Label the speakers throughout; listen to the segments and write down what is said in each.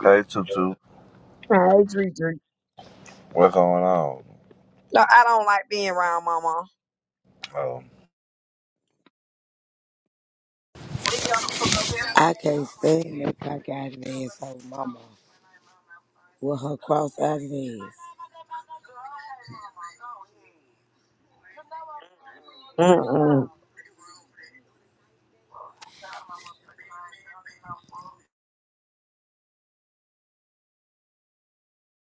Speaker 1: Hey, Tutu.
Speaker 2: Hey, Dree Dree.
Speaker 1: What's going on?
Speaker 2: No, I don't like being around Mama.
Speaker 1: Oh,
Speaker 3: I can't stand that cockeyed ass hoe mama with her cross-eyed ass.
Speaker 2: Mm-mm.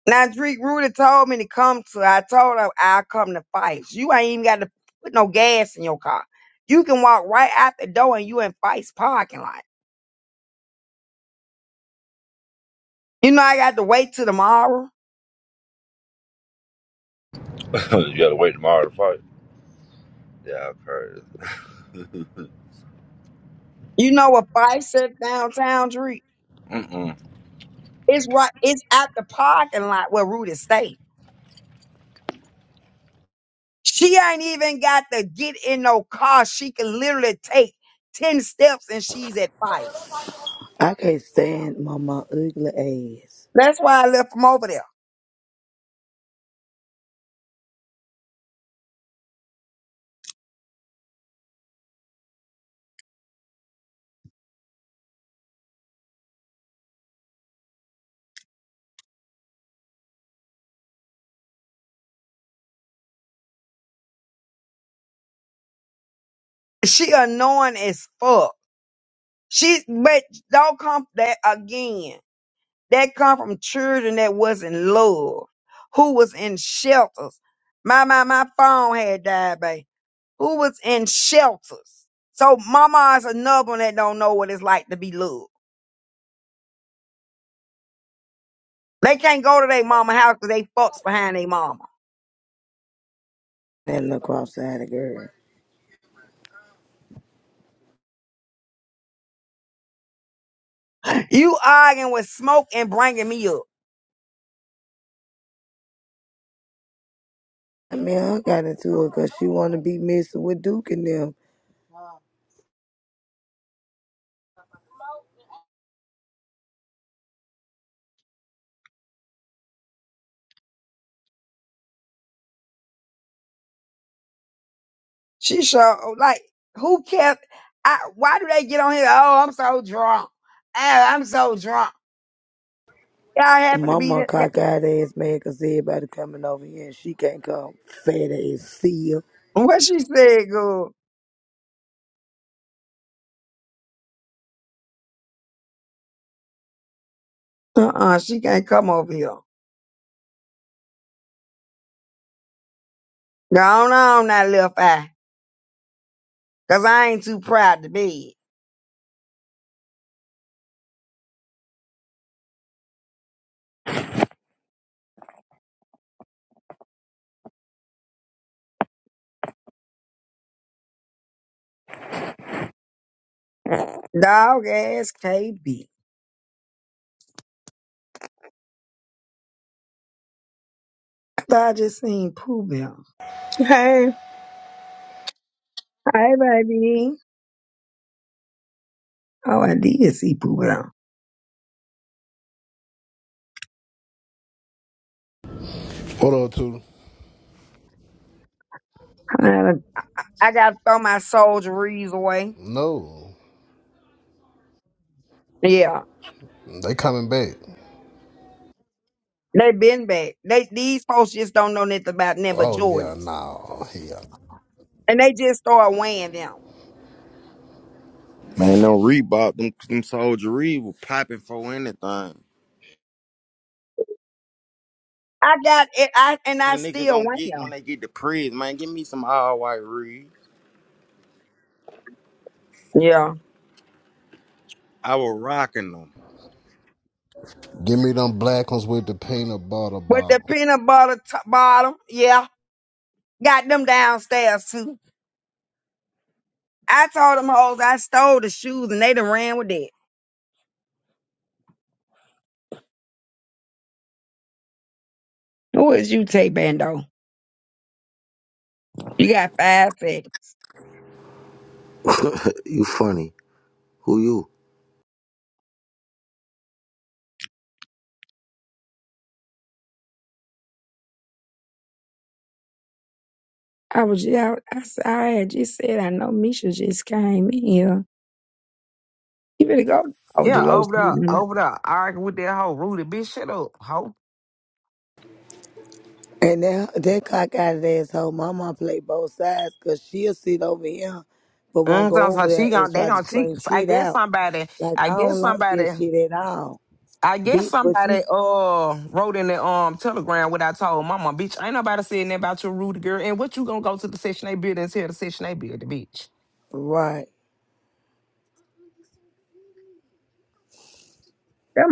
Speaker 2: Now, Dree Rudy told me to come to. I told her I'll come to fights. You ain't even got to put no gas in your car. You can walk right out the door and you in fights parking lot. You know I got to wait till tomorrow.
Speaker 1: you gotta wait tomorrow to fight. Yeah, I've heard
Speaker 2: You know what fights at downtown Dree?
Speaker 1: Mm-mm.
Speaker 2: It's right. It's at the parking lot where Rudy stay. She ain't even got to get in no car. She can literally take ten steps and she's at fights.
Speaker 3: I can't stand mama ugly ass.
Speaker 2: That's why I left from over there. She annoying as fuck. She but don't come that again. That come from children that wasn't loved, who was in shelters. My my my phone had died, babe. Who was in shelters? So mama is another one that don't know what it's like to be loved. They can't go to their mama house because they fucks behind their mama.
Speaker 3: That little cross-eyed girl.
Speaker 2: You arguing with smoke and bringing me up.
Speaker 3: I mean, I got into it 'cause she want to be messing with Duke and them.
Speaker 2: She sure like who kept? I, why do they get on here? Oh, I'm so drunk. Oh, I'm so drunk. Y'all happen to be
Speaker 3: Mama
Speaker 2: that. that-
Speaker 3: cockeyed ass mad 'cause everybody coming over here and she can't come. Fat ass seal.
Speaker 2: What she said, good. Uh-uh, she can't come over here. Go on, on that little fat, cause I ain't too proud to be dog ass KB. I thought I just seen Pooh Bell.
Speaker 4: Hey.
Speaker 2: Hey, baby. Oh, I did see Pooh Bell.
Speaker 5: What up, two?
Speaker 2: I gotta I gotta throw my soldieries away.
Speaker 5: No,
Speaker 2: Yeah,
Speaker 5: they coming back.
Speaker 2: they been back. They these folks just don't know nothing about nothing but
Speaker 5: Oh yeah,
Speaker 2: Jordans.
Speaker 5: no, yeah.
Speaker 2: and they just start weighing them.
Speaker 6: Man, no Reebok, them, them Soldier Reed was popping for anything. The
Speaker 2: I got it, I and I
Speaker 6: nigga
Speaker 2: still
Speaker 6: gonna
Speaker 2: weigh
Speaker 6: get when they
Speaker 2: them.
Speaker 6: get the prison, man. Give me some all white Reed.
Speaker 2: Yeah,
Speaker 6: I was rocking them.
Speaker 5: Give me them black ones with the peanut butter
Speaker 2: with the
Speaker 5: ball.
Speaker 2: peanut butter t- bottom. Yeah, got them downstairs too. I told them hoes I stole the shoes and they done ran with that. Who is you, Tay Bando? You got five seconds.
Speaker 7: you funny. Who you?
Speaker 2: I was yeah, I, s- I had just said I know Misha just came in here. You better go. Oh,
Speaker 8: Yeah,
Speaker 2: Delos.
Speaker 8: over
Speaker 2: Them
Speaker 8: there, over there, arguing with that whole Rudy bitch. Shut up, hoe.
Speaker 3: And that, that cockeyed ass hoe mama play both sides 'cause she'll sit over here but won't
Speaker 8: Mm,
Speaker 3: go
Speaker 8: so, so
Speaker 3: over there
Speaker 8: she
Speaker 3: and
Speaker 8: gon' they
Speaker 3: try to
Speaker 8: gon' to cheat.
Speaker 3: scream
Speaker 8: So I
Speaker 3: shit
Speaker 8: guess
Speaker 3: out.
Speaker 8: somebody,
Speaker 3: Like,
Speaker 8: I
Speaker 3: I
Speaker 8: guess
Speaker 3: don't like
Speaker 8: somebody,
Speaker 3: this shit at all.
Speaker 8: I guess
Speaker 3: Bitch, but
Speaker 8: somebody
Speaker 3: you
Speaker 8: uh wrote in the um telegram what I told mama, bitch. Ain't nobody saying that about your Rudy girl. And what you gonna go to the section A building and tell the section A building, bitch?
Speaker 3: right.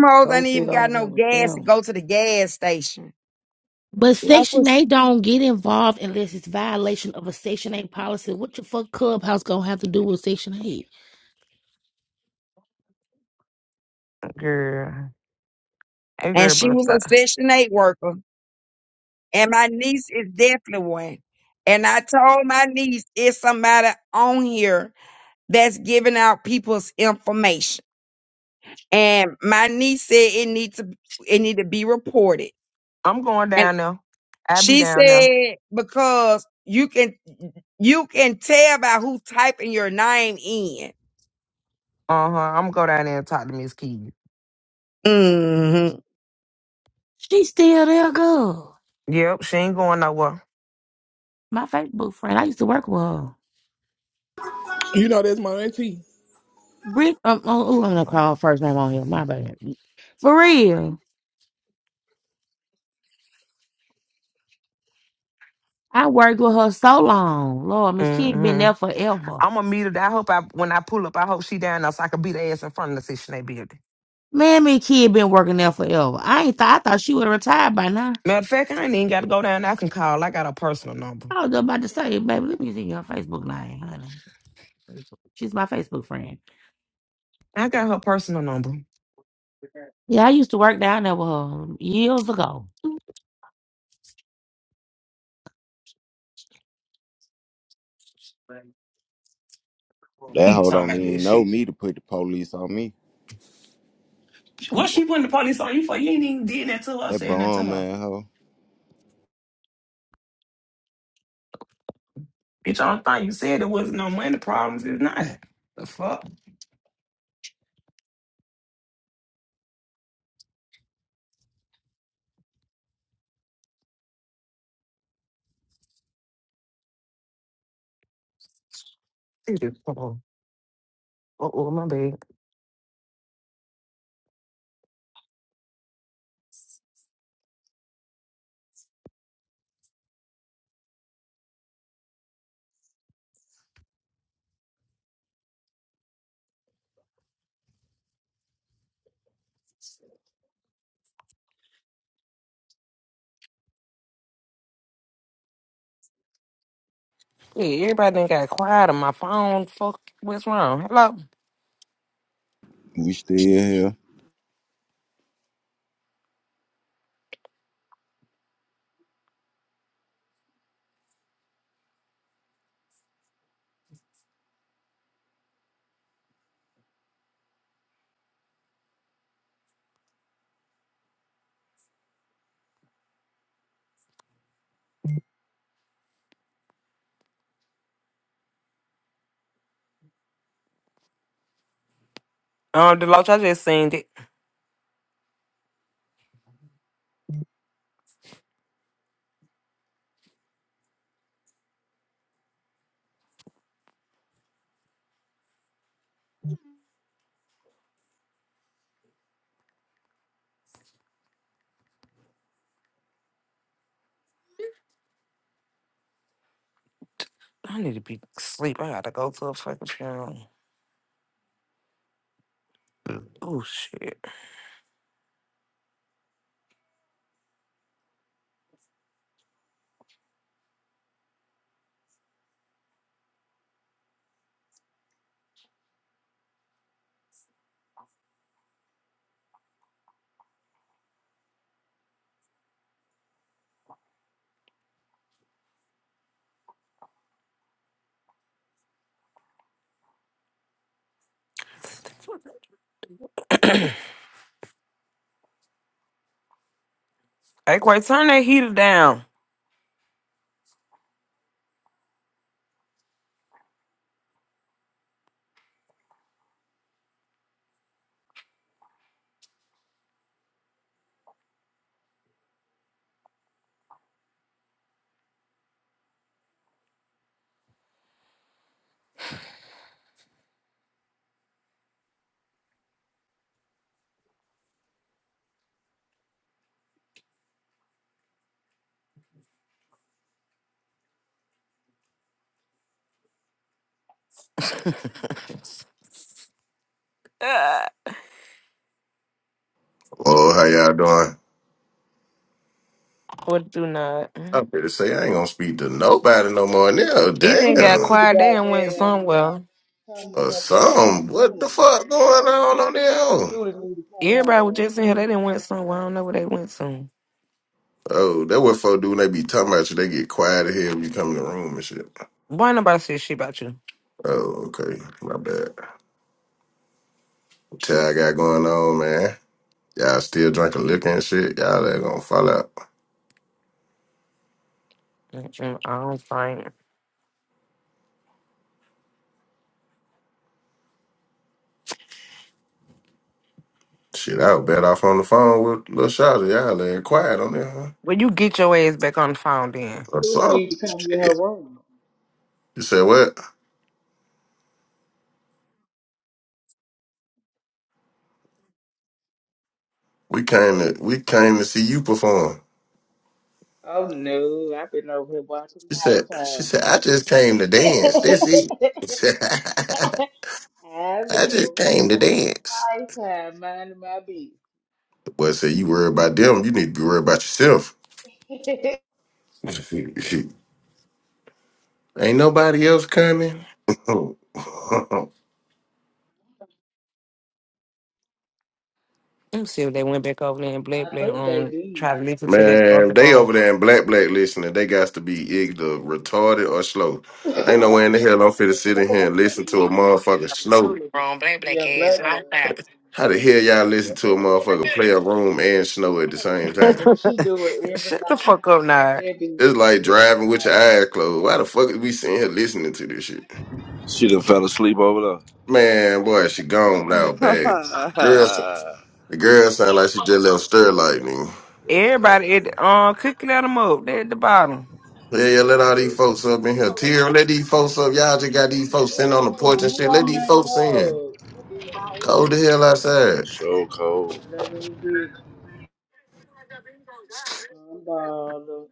Speaker 2: hoes
Speaker 3: Go
Speaker 2: ain't even
Speaker 3: sit
Speaker 2: got
Speaker 3: over
Speaker 2: no
Speaker 3: there with
Speaker 2: gas to
Speaker 3: them.
Speaker 2: go to the gas station.
Speaker 9: But
Speaker 2: That
Speaker 9: Section
Speaker 2: was,
Speaker 9: 8 don't get involved unless it's violation of a Section 8 policy. What your fuck clubhouse gonna have to do with Section 8?
Speaker 8: Girl, hey
Speaker 2: and
Speaker 8: girl,
Speaker 2: she
Speaker 8: but
Speaker 2: was a
Speaker 8: stop.
Speaker 2: session eight worker. and my niece is definitely one. And I told my niece it's somebody on here that's giving out people's information. And my niece said it needs to it need to be reported.
Speaker 8: I'm going
Speaker 2: And
Speaker 8: down there. I be
Speaker 2: she
Speaker 8: down there.
Speaker 2: said because you can you can tell by who typing your name in.
Speaker 8: Uh huh. I'm gonna go down there and talk to Miss Key.
Speaker 2: Mm-hmm.
Speaker 9: She still there, girl.
Speaker 8: Yep, she ain't going nowhere.
Speaker 9: My Facebook friend. I used to work with her.
Speaker 10: You know that's my auntie.
Speaker 9: Brick, um, oh, oh, I'm gonna call her first name on here. My bad. For real. I worked with her so long. Lord, Miss Kid been
Speaker 8: Mm
Speaker 9: there forever.
Speaker 8: I'm gonna meet her. I hope I when I pull up, I hope she down there so I can beat her ass in front of the station they building.
Speaker 9: Man, Miss Kid been working there forever. I ain't thought I thought she would have retired by now.
Speaker 8: Matter of fact, I ain't even gotta go down. there. I can call. I got her personal number.
Speaker 9: I was about to say, baby, let me see your Facebook name, honey. She's my Facebook friend.
Speaker 8: I got her personal number.
Speaker 9: Yeah, I used to work down there with her years ago.
Speaker 6: That
Speaker 8: Keep
Speaker 6: hoe
Speaker 8: talking
Speaker 6: don't
Speaker 8: about that
Speaker 6: even know
Speaker 8: shit.
Speaker 6: me to put the police on me.
Speaker 8: What she putting the police on you for? You ain't even did that to her,
Speaker 6: That
Speaker 8: saying that to
Speaker 6: bomb
Speaker 8: her.
Speaker 6: man hoe.
Speaker 8: Bitch, I don't think you said there wasn't no money problems. It's not. The fuck? Uh oh, oh, my bad. Yeah, everybody done got quiet on my phone. Fuck, what's wrong? Hello?
Speaker 6: We still here.
Speaker 8: Um, Deloach, I just seen that. I need to be asleep. I gotta go to a fucking funeral. Oh shit. Hey, quite turn that heater down. Ah,
Speaker 11: Oh, how y'all doing?
Speaker 8: what do not?
Speaker 11: I'm here to say I ain't gonna speak to nobody no more now.
Speaker 8: It didn't
Speaker 12: Tudor
Speaker 8: got
Speaker 11: Damn.
Speaker 12: need to
Speaker 8: quiet. They didn't went
Speaker 12: goddamn
Speaker 8: somewhere.
Speaker 12: come
Speaker 11: Or
Speaker 12: to her
Speaker 11: some.
Speaker 12: damn
Speaker 11: What the
Speaker 12: room.
Speaker 11: fuck going on on there?
Speaker 12: Tudor need to come to her
Speaker 8: Everybody was
Speaker 12: room.
Speaker 8: just in here. They didn't went somewhere. I don't know where they went to.
Speaker 11: Oh, that what folk do when they be talking about you. They get quiet here when you come in the room and shit.
Speaker 8: Why nobody said shit about you?
Speaker 11: Oh, okay. My bad. What y'all got going on, man? Y'all still drinking liquor and shit? Y'all ain't gonna fall out.
Speaker 8: Mm-mm, I don't think.
Speaker 11: Shit, I was bet off on the phone with Lil Shawty. Y'all ain't quiet on there, huh?
Speaker 8: Well, you get your ass back on the phone then.
Speaker 11: Or
Speaker 12: Tudor need
Speaker 11: something.
Speaker 12: to come to her
Speaker 11: Shit.
Speaker 12: room.
Speaker 11: You said what? We came to we came to see you perform.
Speaker 12: Oh no, I've been over here watching
Speaker 11: She said, she
Speaker 12: Lifetime.
Speaker 11: said, I just came to dance. That's it.
Speaker 12: I've been
Speaker 11: I just
Speaker 12: over here
Speaker 11: came to dance.
Speaker 12: watching Lifetime, minding my business.
Speaker 11: The boy said, you worry about them. You need to be worried about yourself. Ain't nobody else coming.
Speaker 8: Let me see if they went back over there in
Speaker 12: I
Speaker 8: Black Black
Speaker 12: think they
Speaker 8: room. Try to
Speaker 12: did.
Speaker 8: listen to that
Speaker 11: Man,
Speaker 8: other
Speaker 11: they
Speaker 8: room.
Speaker 11: over there in black, black listening. They got to be either retarded or slow. Ain't no way in the hell I'm finna sit in here and listen to a motherfucker snow.
Speaker 8: Wrong, Black Black
Speaker 12: yeah, blood
Speaker 8: ass
Speaker 12: blood.
Speaker 8: outside.
Speaker 11: How the hell y'all listen to a motherfucker play a room and snow at the same time?
Speaker 12: Baby, she do it every
Speaker 8: Shut the
Speaker 12: night.
Speaker 8: fuck up,
Speaker 12: Huh?
Speaker 8: now.
Speaker 12: That bitch do
Speaker 11: It's like
Speaker 12: it every
Speaker 11: driving with your
Speaker 12: night.
Speaker 11: eyes closed. Why the fuck is we sitting here listening to this shit?
Speaker 1: She done fell asleep over
Speaker 11: Man, boy, she gone now bad. Girl, the girl sound like she just left stir lightning.
Speaker 1: there. That's good.
Speaker 8: Everybody at the, um cooking at them up. They at the bottom.
Speaker 11: Yeah, yeah,
Speaker 1: That's
Speaker 11: let all these
Speaker 1: good.
Speaker 11: folks up in here. Tear, let these folks up. Y'all just got these folks sitting
Speaker 12: Who?
Speaker 11: on the porch and
Speaker 12: who
Speaker 11: shit. Let
Speaker 12: on
Speaker 11: these
Speaker 12: my
Speaker 11: folks in.
Speaker 12: love?
Speaker 11: Cold the hell outside.
Speaker 1: So cold.
Speaker 12: Okay, there go Vicky. Unbothered.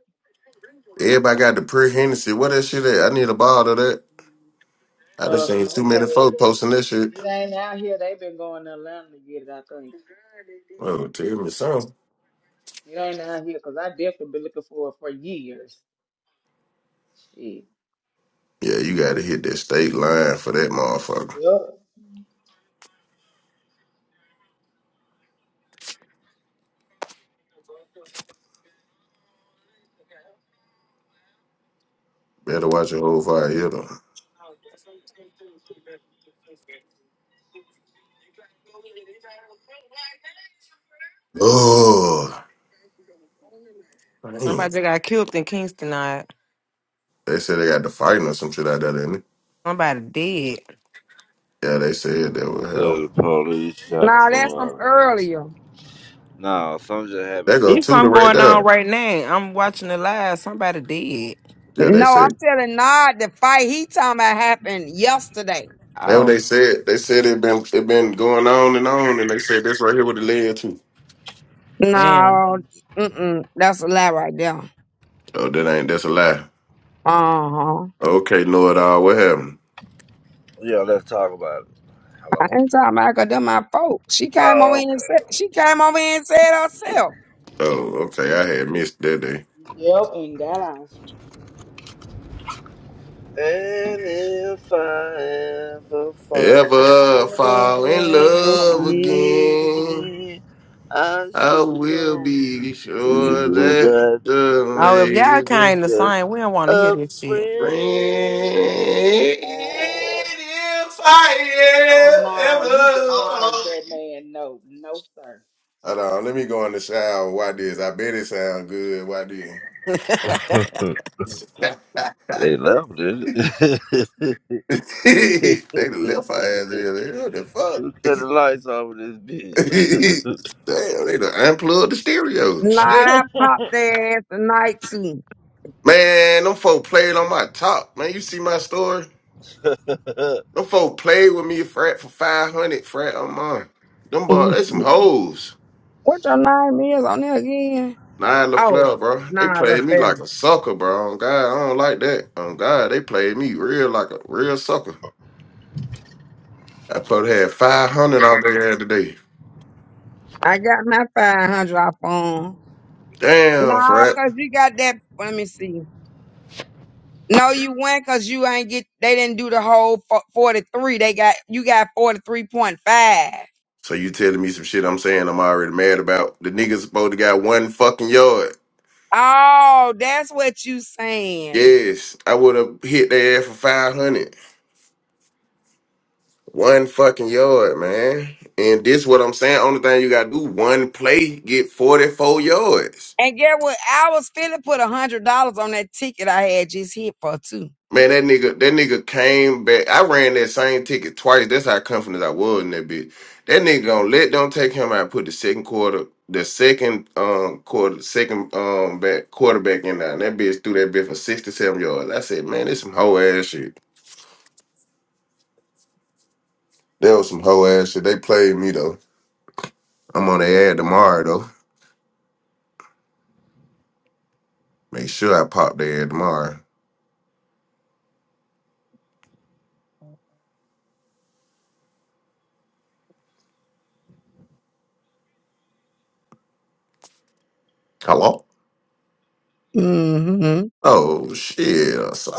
Speaker 11: Everybody got the pre Hennessy. What that shit at? I need a bottle of that. I done
Speaker 12: Uh,
Speaker 11: seen too
Speaker 12: Smoke had
Speaker 11: many folks
Speaker 12: it.
Speaker 11: posting that shit.
Speaker 12: It ain't out here. They been going to Atlanta to get it, I think.
Speaker 11: Well, tell me something.
Speaker 12: It ain't out here 'cause I definitely been looking for it for years. Shit.
Speaker 11: Yeah, you gotta hit that state line for that motherfucker.
Speaker 12: Yep.
Speaker 11: Better watch your whole fire hitter. Oh, damn.
Speaker 8: Somebody just got killed in Kingston. Night.
Speaker 11: They said they got to fighting or some shit like that, didn't
Speaker 8: Somebody dead.
Speaker 11: they? Yeah, they said that was
Speaker 1: Said the
Speaker 11: hell.
Speaker 1: police shot
Speaker 2: No, that's from
Speaker 1: somebody.
Speaker 2: earlier.
Speaker 1: Nah, something just
Speaker 11: They
Speaker 1: happened.
Speaker 11: go
Speaker 8: There's
Speaker 11: Tudor
Speaker 8: something
Speaker 11: right
Speaker 8: going on
Speaker 11: there.
Speaker 8: right now. I'm watching the live. Somebody dead.
Speaker 11: Yeah, they
Speaker 2: No, I'm
Speaker 11: said
Speaker 2: telling Nod the fight he talking about happened yesterday.
Speaker 11: that what
Speaker 8: Oh
Speaker 11: they said. They said it been it been going on and on, and they said that's right here what it led to.
Speaker 8: damn.
Speaker 2: No, mm-mm, that's a lie right there.
Speaker 11: Oh, that ain't that's a lie.
Speaker 2: Uh-huh.
Speaker 11: Okay, know it all. What happened?
Speaker 1: Yeah, let's talk about it.
Speaker 2: I ain't talking about 'cause them my folks. She came over
Speaker 1: Hello?
Speaker 2: here and said she came over here and said herself.
Speaker 11: Oh, okay, I had missed that day.
Speaker 12: Yep, and that I.
Speaker 1: And if I ever fall in
Speaker 11: Ever fall in
Speaker 1: love
Speaker 12: Oh,
Speaker 11: love
Speaker 12: my God.
Speaker 11: again?
Speaker 1: again, I
Speaker 11: I will
Speaker 1: shall
Speaker 11: be
Speaker 1: be
Speaker 11: sure
Speaker 1: you
Speaker 11: that
Speaker 1: that
Speaker 11: the
Speaker 8: Oh, if
Speaker 1: love
Speaker 8: y'all
Speaker 11: lady.
Speaker 1: is
Speaker 8: kind of
Speaker 1: just
Speaker 8: sign, we don't want to hear
Speaker 1: a
Speaker 8: this shit.
Speaker 11: If
Speaker 1: friend.
Speaker 11: I
Speaker 12: Oh,
Speaker 11: am
Speaker 12: nah,
Speaker 11: ever.
Speaker 12: you demolished that man. No, no, sir.
Speaker 11: Hold on, let me go in the shower. and Watch this. I bet it sound good. Watch
Speaker 8: I
Speaker 11: this.
Speaker 1: They loved it.
Speaker 11: they done left our ass in there. What the fuck?
Speaker 1: Who cut the lights off with
Speaker 11: Damn,
Speaker 1: this bitch?
Speaker 11: they done unplugged the stereo.
Speaker 2: Nah,
Speaker 11: Shit.
Speaker 2: I popped their ass tonight too.
Speaker 11: Man, them folk played on my top. Man, you see my story? Them folk played with me frat for 500 frat a month. Them boy,
Speaker 2: Mhm.
Speaker 11: they some hoes.
Speaker 2: What your name is on there again?
Speaker 11: Nine
Speaker 2: Oh,
Speaker 11: LaFleur, bro. They
Speaker 2: nah, little
Speaker 11: played me
Speaker 2: fella.
Speaker 11: like a sucker, bro. On God, I don't like that. On God, they played me real like a real sucker. I probably had 500 out there today.
Speaker 2: I got my five hundred off on.
Speaker 11: Damn,
Speaker 2: Nah,
Speaker 11: Frat.
Speaker 2: cause you got that let me see. No, you went cause you ain't get they didn't do the whole forty three. They got you got forty three point five.
Speaker 11: So you telling me some shit I'm saying I'm already mad about? The niggas supposed to got one fucking yard.
Speaker 2: Oh, that's what you saying.
Speaker 11: Yes, I would have hit their ass for 500. One fucking yard, man. And this what I'm saying. Only thing you gotta do, one play, get 44 yards.
Speaker 2: And get what? I was feeling put a hundred dollars on that ticket I had just hit for too.
Speaker 11: Man, that nigga, that nigga came back. I ran that same ticket twice. That's how confident I was in that bitch. That nigga gonna let them take him out. and Put the second quarter, the second um quarter, second um back quarterback in there. And that bitch threw that bitch for sixty-seven yards. I said, man, this some hoe ass shit. That was some hoe ass shit. They played me though. I'm on their ad tomorrow though. Make sure I pop their ad tomorrow. Hello.
Speaker 2: hmm
Speaker 11: Oh shit. So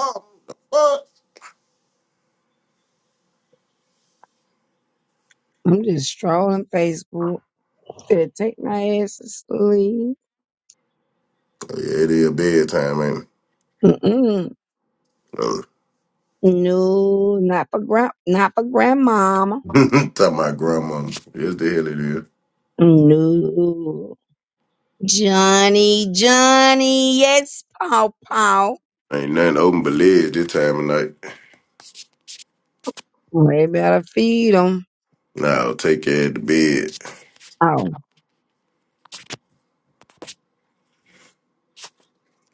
Speaker 11: what?
Speaker 2: I'm just strolling Facebook. Gonna take my ass to sleep.
Speaker 11: Yeah, it is bedtime, man.
Speaker 2: Mm-mm. No, not for grand, not for grandmama.
Speaker 11: Tell my grandma. Yes, the hell it is.
Speaker 2: No, Johnny, Johnny, yes, Paw Paw.
Speaker 11: Ain't nothing open but legs this time of night.
Speaker 2: They better feed him.
Speaker 11: Now take care of the bed.
Speaker 2: Oh,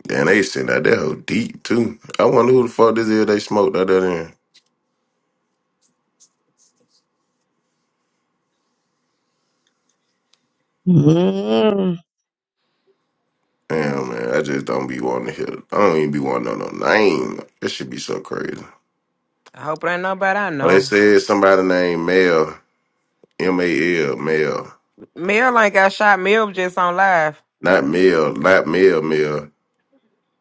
Speaker 11: And they send out that hoe deep too. I wonder who the fuck this is they smoked out there. Then.
Speaker 2: mm
Speaker 11: Damn man, I just don't be wanting to hear. I don't even be wanting to know no name. That should be so crazy.
Speaker 8: hope it ain't nobody I
Speaker 11: Oh, they
Speaker 8: know.
Speaker 11: said somebody named Mel, M A L, Mel,
Speaker 8: Mel ain't got shot. Mel was just on live.
Speaker 11: not Mel, not Mel, Mel.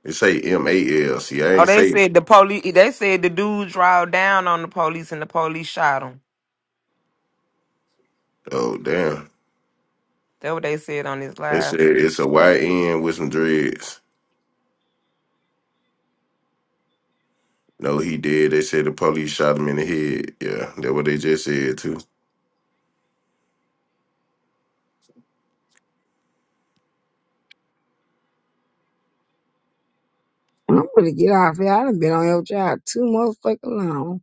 Speaker 11: They say M A L. See, I
Speaker 8: Oh,
Speaker 11: ain't
Speaker 8: they
Speaker 11: say.
Speaker 8: said the police. They said the dude drove down on the police and the police shot him.
Speaker 11: Oh damn.
Speaker 8: That's what they said on this
Speaker 11: They
Speaker 8: live.
Speaker 11: said it's a white end with some dreads. No, he did. They said the police shot him in the head. Yeah, that what they just said too.
Speaker 2: I'm gonna get off here. I done been on your job too motherfucking long.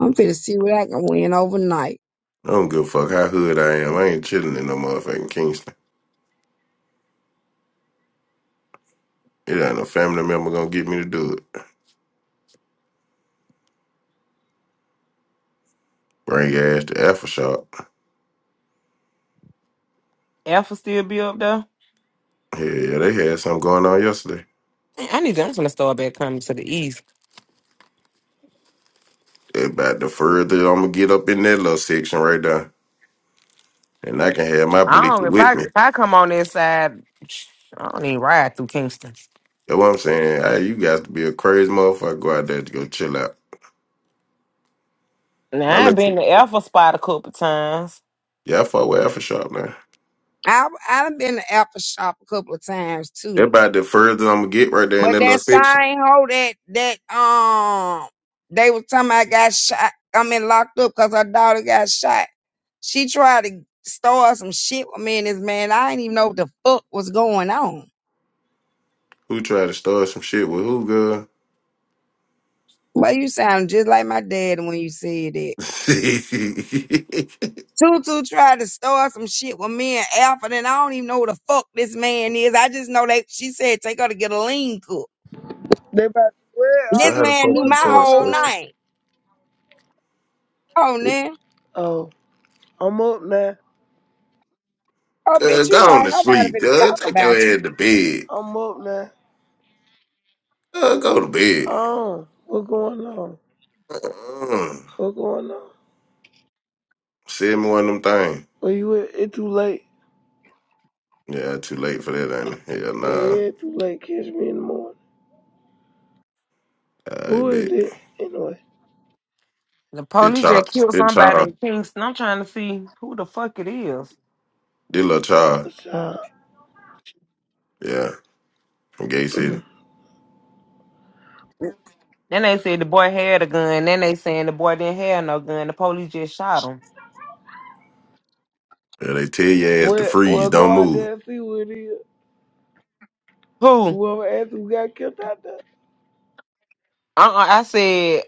Speaker 2: I'm finna see what I can win overnight.
Speaker 11: I don't give a fuck how hood I am. I ain't chilling in no motherfucking Kingston. It ain't no family member gonna get me to do it. Bring your ass to Alpha Shop.
Speaker 8: Alpha still be up there.
Speaker 11: Yeah, yeah, they had something going on yesterday.
Speaker 8: Man, I need to. I'm gonna start back coming to the east.
Speaker 11: They About the further I'm gonna get up in that little section right there, and I can have my
Speaker 8: I
Speaker 11: bleak
Speaker 8: don't. If I
Speaker 11: with me.
Speaker 8: if I come on this side, I don't even ride through Kingston.
Speaker 11: You know what I'm saying? Hey, you guys to be a crazy motherfucker. Go out there to go chill out. My
Speaker 8: Now I've
Speaker 11: little, si-,
Speaker 8: been to Alpha Spot a couple times.
Speaker 11: yeah, I fuck with Alpha Shop now.
Speaker 2: I've I've been to Apple Shop a couple of times
Speaker 11: That
Speaker 2: too,
Speaker 11: about the further I'm gonna get right there in
Speaker 2: but
Speaker 11: that
Speaker 2: that
Speaker 11: little section.
Speaker 2: same hoe that that um they was talking about got shot. I mean locked up because her daughter got shot. She tried to start some shit with me and this man. I didn't even know what the fuck was going on.
Speaker 11: Who tried to start some shit with who, girl?
Speaker 2: But you sound just like my dad when you said that.
Speaker 11: so
Speaker 2: Tutu tried to start some shit with me and Alfred, and I don't even know who the fuck this man is. I just know that she said take her to get a lean cut.
Speaker 13: They about to win. I
Speaker 2: This
Speaker 13: don't
Speaker 11: how the
Speaker 13: know
Speaker 2: man
Speaker 11: fuck
Speaker 2: knew
Speaker 11: you
Speaker 13: what's
Speaker 2: my
Speaker 11: trying to
Speaker 13: going
Speaker 2: whole
Speaker 11: start
Speaker 13: on.
Speaker 11: some
Speaker 2: name. Oh,
Speaker 11: shit?
Speaker 2: man.
Speaker 13: Oh, I'm up now.
Speaker 2: Oh,
Speaker 11: Girl,
Speaker 2: bitch, you know,
Speaker 11: go on
Speaker 2: ain't
Speaker 11: to
Speaker 2: nobody
Speaker 11: sleep,
Speaker 2: finna
Speaker 11: girl.
Speaker 2: talk
Speaker 11: Take your
Speaker 2: about you.
Speaker 11: head to bed.
Speaker 13: I'm up now.
Speaker 11: Girl, go to bed.
Speaker 13: Oh, what's going on?
Speaker 11: Uh,
Speaker 13: What's going on?
Speaker 11: send me one of them things.
Speaker 13: Are you at? It's too late.
Speaker 11: Yeah, too late for that, ain't it? Hell
Speaker 13: Yeah,
Speaker 11: nah.
Speaker 13: it's too late. Catch me in the morning.
Speaker 11: I
Speaker 13: Who is
Speaker 11: bet.
Speaker 13: it? Anyway,
Speaker 8: The
Speaker 11: They
Speaker 8: police just
Speaker 11: child,
Speaker 8: killed
Speaker 11: they
Speaker 8: somebody
Speaker 11: child,
Speaker 8: in Kingston. I'm trying to see who the fuck it is.
Speaker 11: they little child.
Speaker 13: a child.
Speaker 11: Yeah, from Gay City.
Speaker 13: Mm.
Speaker 8: Then they said the boy had a gun. Then they saying the boy didn't have no gun. The police just shot him.
Speaker 11: Yeah, they tell your ass to
Speaker 13: well,
Speaker 11: freeze,
Speaker 13: well,
Speaker 11: don't
Speaker 13: go out
Speaker 11: move.
Speaker 13: there and see who it is.
Speaker 8: Who? Uh-uh,
Speaker 13: Whoever asked who got killed out there.
Speaker 8: I said.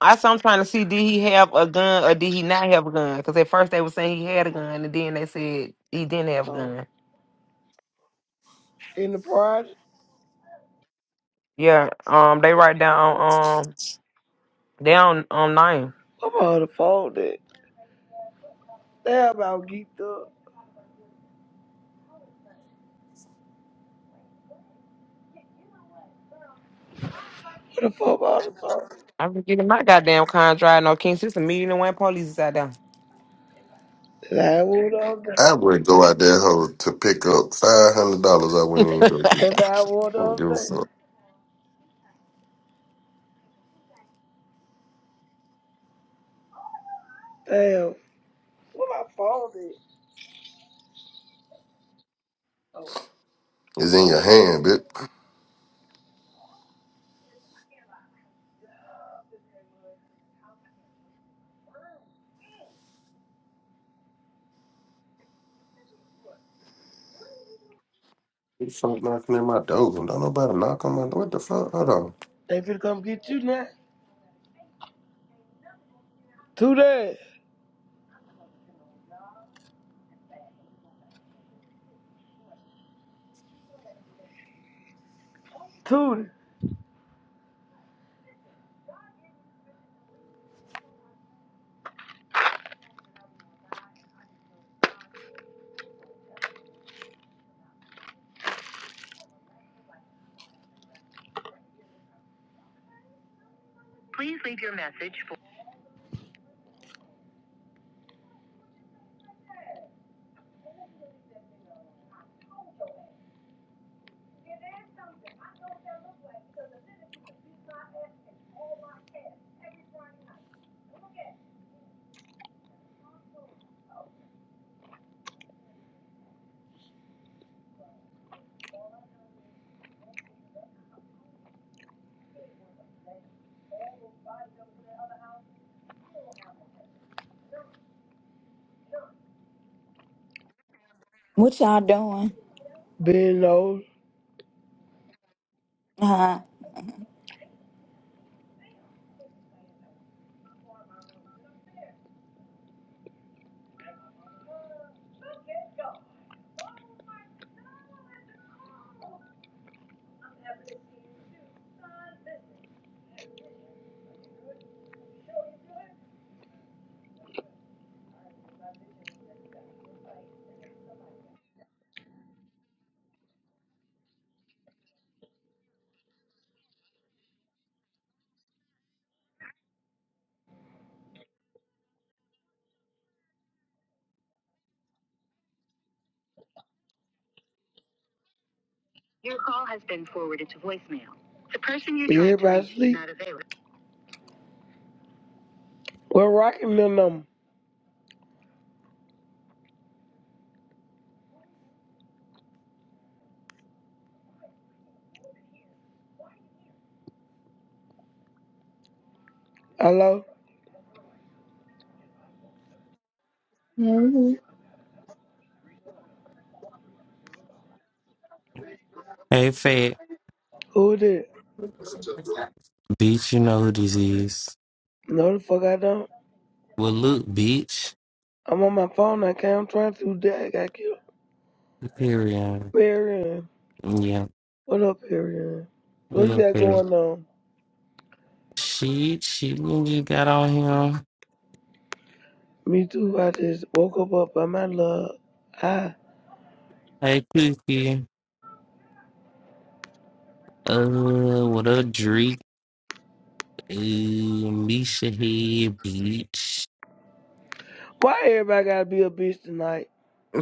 Speaker 8: I said I'm trying to see did he have a gun or did he not have a gun? Because at first they were saying he had a gun, and then they said he didn't have a
Speaker 13: Oh,
Speaker 8: gun.
Speaker 13: in the project.
Speaker 8: Yeah, um, they write down um down um nine.
Speaker 13: What about the fault that? They about geeked up. What the fuck about the fault?
Speaker 8: I am getting my goddamn contract. No King Sister meeting and when police is out there.
Speaker 13: That's how I wore the other day.
Speaker 11: I would go out that hole to pick up five hundred dollars. I wouldn't even go get.
Speaker 13: That's how I wore the
Speaker 11: I wouldn't give a
Speaker 13: other
Speaker 11: fuck.
Speaker 13: day. Damn. Where my phone at? Oh,
Speaker 11: It's in your hand, bitch. You Fuck knocking at my door. Don't nobody knock on my door. What the fuck? Hold on.
Speaker 13: they finna come get you now. Two that. Two that.
Speaker 14: What y'all doing?
Speaker 13: Being old.
Speaker 14: Uh-huh.
Speaker 13: The person you tried to reach is Everybody not available. We're rocking the number. Hello?
Speaker 15: Hey,
Speaker 16: Hey, Fat.
Speaker 13: Who is it?
Speaker 16: Beach, you know who this is.
Speaker 13: No, the fuck I don't.
Speaker 16: Well, look, Beach.
Speaker 13: I'm on my phone. I can't. I'm trying to. do That I got killed.
Speaker 16: Period.
Speaker 13: Period.
Speaker 16: Yeah.
Speaker 13: What up, Period? What
Speaker 16: What
Speaker 13: you
Speaker 16: up,
Speaker 13: got
Speaker 16: Fat?
Speaker 13: going on?
Speaker 16: She, she just got on him.
Speaker 13: Me too. I just woke up up by my love. I.
Speaker 16: Hey, Cookie. Uh, what up, Drake? Uh, Misha head, Beach.
Speaker 13: Why everybody gotta be a bitch tonight?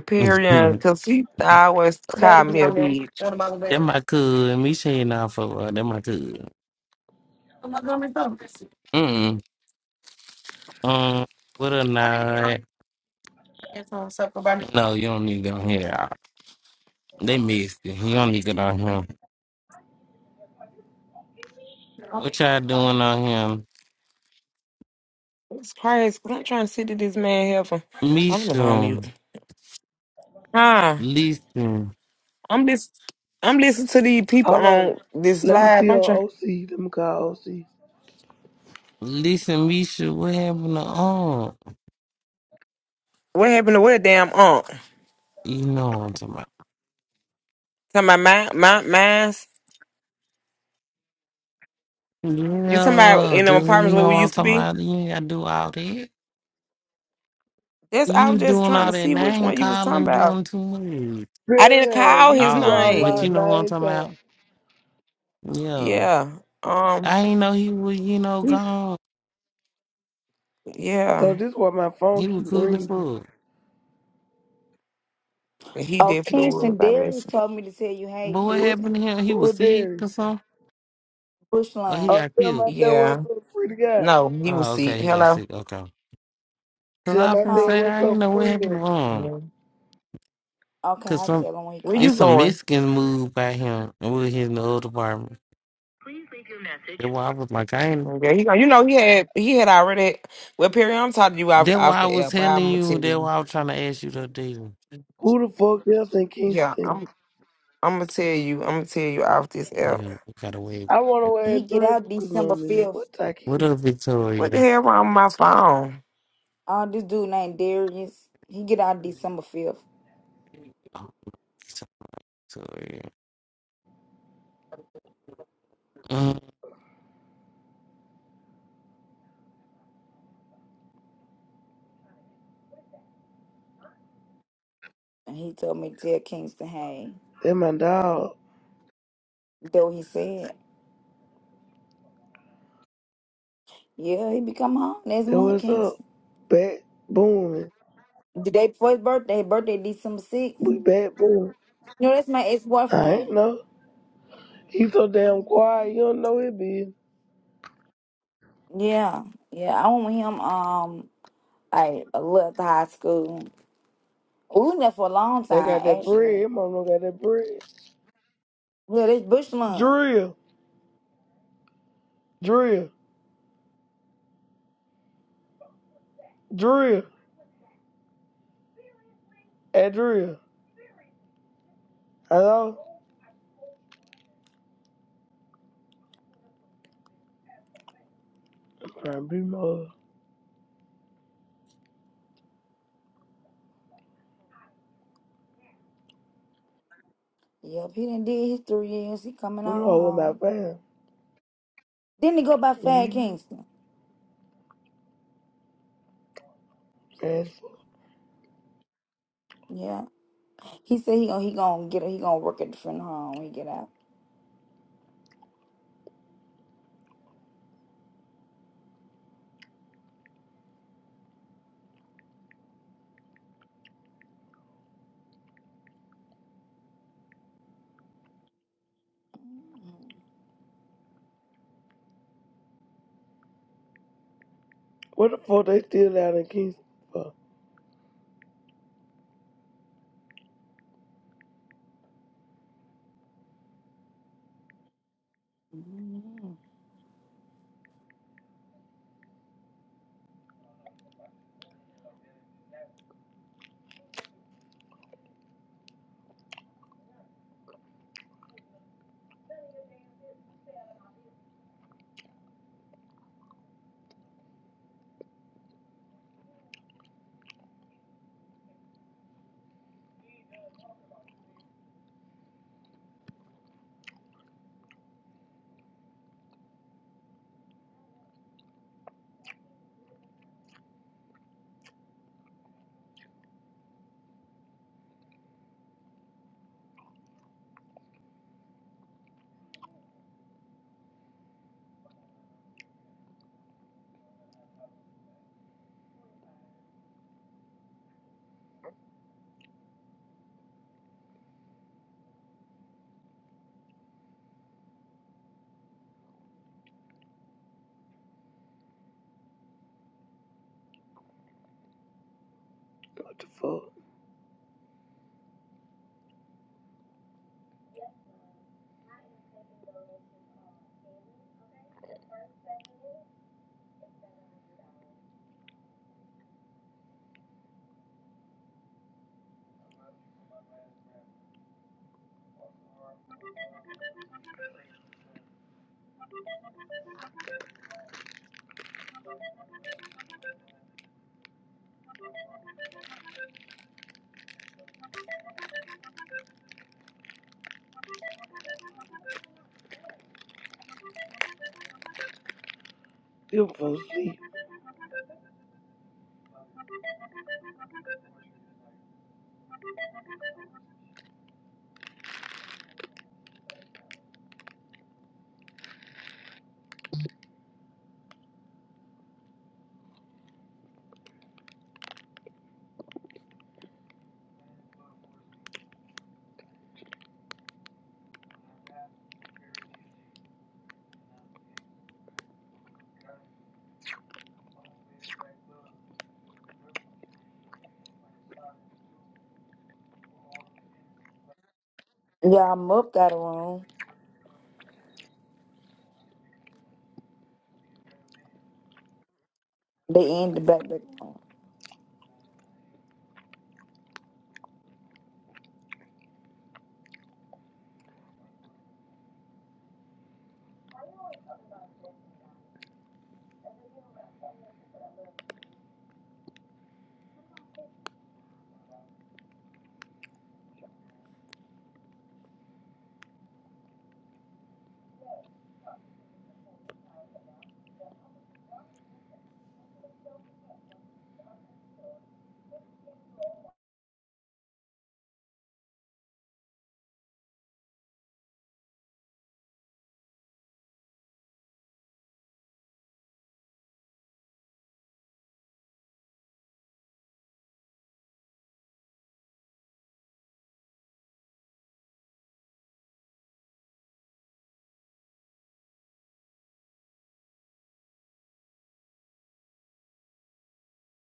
Speaker 8: Period. Cause he always call me a bitch.
Speaker 16: that my cool. Misha head now for uh, that my cool. Mm. Um. What a night. No, you don't need to go here. They missed it. He don't need it on him. What y'all doing on him?
Speaker 8: It's crazy. i I'm trying to sit to this man here for. Oh, let me go on
Speaker 16: Misha,
Speaker 8: mute. Huh?
Speaker 16: listen.
Speaker 8: I'm just. I'm listening to these people
Speaker 13: Hold on.
Speaker 8: on this
Speaker 13: Let me
Speaker 8: live.
Speaker 13: see
Speaker 8: I'm
Speaker 13: on
Speaker 8: trying.
Speaker 13: OC. Let me call OC.
Speaker 16: Listen, Misha, what happened to all?
Speaker 8: What happened to where damn aunt?
Speaker 16: You know what I'm talking about.
Speaker 8: Talking about my my mines. You talking about
Speaker 16: Yeah,
Speaker 8: in them
Speaker 16: does
Speaker 8: apartments
Speaker 16: you
Speaker 8: where
Speaker 16: know
Speaker 8: we
Speaker 16: what I'm
Speaker 8: used to
Speaker 16: talking
Speaker 8: be?
Speaker 16: about? You ain't gotta do all that.
Speaker 8: That's. I
Speaker 16: You
Speaker 8: was just
Speaker 16: doing
Speaker 8: trying to
Speaker 16: all that
Speaker 8: see which
Speaker 16: name
Speaker 8: one you was talking
Speaker 16: calling,
Speaker 8: about.
Speaker 16: doing too much.
Speaker 8: I didn't
Speaker 13: Girl,
Speaker 8: call
Speaker 13: you
Speaker 8: his
Speaker 13: do
Speaker 16: Oh,
Speaker 13: all
Speaker 16: but you
Speaker 13: that
Speaker 8: name.
Speaker 16: know what I'm
Speaker 13: nine
Speaker 16: talking
Speaker 13: times.
Speaker 16: about? Yeah.
Speaker 8: Yeah. Um.
Speaker 16: I ain't know he was, you know,
Speaker 8: he-
Speaker 16: gone.
Speaker 13: So
Speaker 8: Yeah.
Speaker 13: this why my phone
Speaker 16: He was
Speaker 13: keep
Speaker 16: cool as
Speaker 13: ringing.
Speaker 16: fuck.
Speaker 8: He
Speaker 14: Oh,
Speaker 8: definitely was.
Speaker 14: Kingston
Speaker 8: I miss
Speaker 14: Darius
Speaker 8: him.
Speaker 14: told me to tell you, hey,
Speaker 16: But what
Speaker 13: Who,
Speaker 16: happened
Speaker 14: Kingston,
Speaker 16: to him? He
Speaker 13: who
Speaker 16: was sick or
Speaker 13: dares?
Speaker 16: something?
Speaker 14: Bush
Speaker 16: Or he
Speaker 14: line,
Speaker 13: Oh,
Speaker 16: got
Speaker 13: tell my
Speaker 16: killed?
Speaker 13: dad what's
Speaker 8: Yeah.
Speaker 13: up, free the guy.
Speaker 8: No, he was
Speaker 16: Oh,
Speaker 8: sick.
Speaker 16: okay, he got
Speaker 8: Hello.
Speaker 16: sick. Okay. Cause
Speaker 13: Tell
Speaker 16: I
Speaker 13: my
Speaker 16: been
Speaker 13: dad
Speaker 14: huh?
Speaker 16: saying
Speaker 13: what's
Speaker 16: I ain't
Speaker 13: up,
Speaker 16: know what
Speaker 13: free
Speaker 16: happened to
Speaker 13: him.
Speaker 16: him.
Speaker 8: Yeah.
Speaker 14: Okay,
Speaker 16: Cause
Speaker 14: I
Speaker 16: some
Speaker 14: tell him when he
Speaker 8: Where you
Speaker 16: it's
Speaker 14: called.
Speaker 16: some
Speaker 8: going?
Speaker 16: Mexican move by him with his in the old apartment. That's why I was like, I ain't.
Speaker 8: Okay. He go. You know he had he had already. Well, Perry, I'm talking to you off
Speaker 16: That's why
Speaker 8: off
Speaker 16: I
Speaker 8: the
Speaker 16: was
Speaker 8: app.
Speaker 16: telling
Speaker 8: I'm gonna
Speaker 16: you.
Speaker 8: tell
Speaker 16: That's
Speaker 8: you.
Speaker 16: why I was trying to ask you to do.
Speaker 13: Who the fuck else in
Speaker 8: Yeah.
Speaker 13: Kingston?
Speaker 8: I'm I'm gonna tell you. I'm gonna tell you off this app.
Speaker 16: Yeah, we got away.
Speaker 13: I wanna
Speaker 16: with it.
Speaker 13: wear
Speaker 14: He get
Speaker 13: Drew
Speaker 14: out
Speaker 13: Lucas
Speaker 14: December
Speaker 13: number is.
Speaker 14: fifth.
Speaker 13: What I
Speaker 16: What
Speaker 13: can?
Speaker 16: up,
Speaker 8: What the
Speaker 16: Victoria?
Speaker 8: hell wrong with my phone?
Speaker 14: Oh, this dude named Darius. He get out December fifth,
Speaker 16: Oh, Victoria.
Speaker 14: and he told me to tell Kingston, hey.
Speaker 13: That my dog.
Speaker 14: Though he said, yeah, he be coming home next
Speaker 13: That
Speaker 14: month,
Speaker 13: what's up?
Speaker 14: Kingston.
Speaker 13: Back booming.
Speaker 14: The day before his birthday, his birthday December sixth.
Speaker 13: We back booming.
Speaker 14: No, that's my ex
Speaker 13: I ain't
Speaker 14: boyfriend.
Speaker 13: know. He so damn
Speaker 14: hmm
Speaker 13: quiet. You don't know it, bitch.
Speaker 14: Yeah, yeah, I went with him. Um, like a little after high school. We was in there for a long
Speaker 13: They
Speaker 14: time,
Speaker 13: got that bread.
Speaker 14: actually.
Speaker 13: His mama got that bread.
Speaker 14: Yeah, this Bushman.
Speaker 13: Drill. Drill. Drill. At Drill. Hello? I'm trying to be more.
Speaker 14: Yep, he done did his three years. He coming
Speaker 13: I'm
Speaker 14: on
Speaker 13: all with my
Speaker 14: home.
Speaker 13: fam.
Speaker 14: Then he go by Fad
Speaker 13: Mm-hmm.
Speaker 14: Kingston.
Speaker 13: That's,
Speaker 14: Yeah, he said he gonna he gonna get he gonna work at the front home when he get out.
Speaker 13: What the fuck they still out in Kingston for?
Speaker 14: Mhm.
Speaker 13: What the fuck? Them folks sleep.
Speaker 14: Yeah, I'm up got a room. They in the back. back.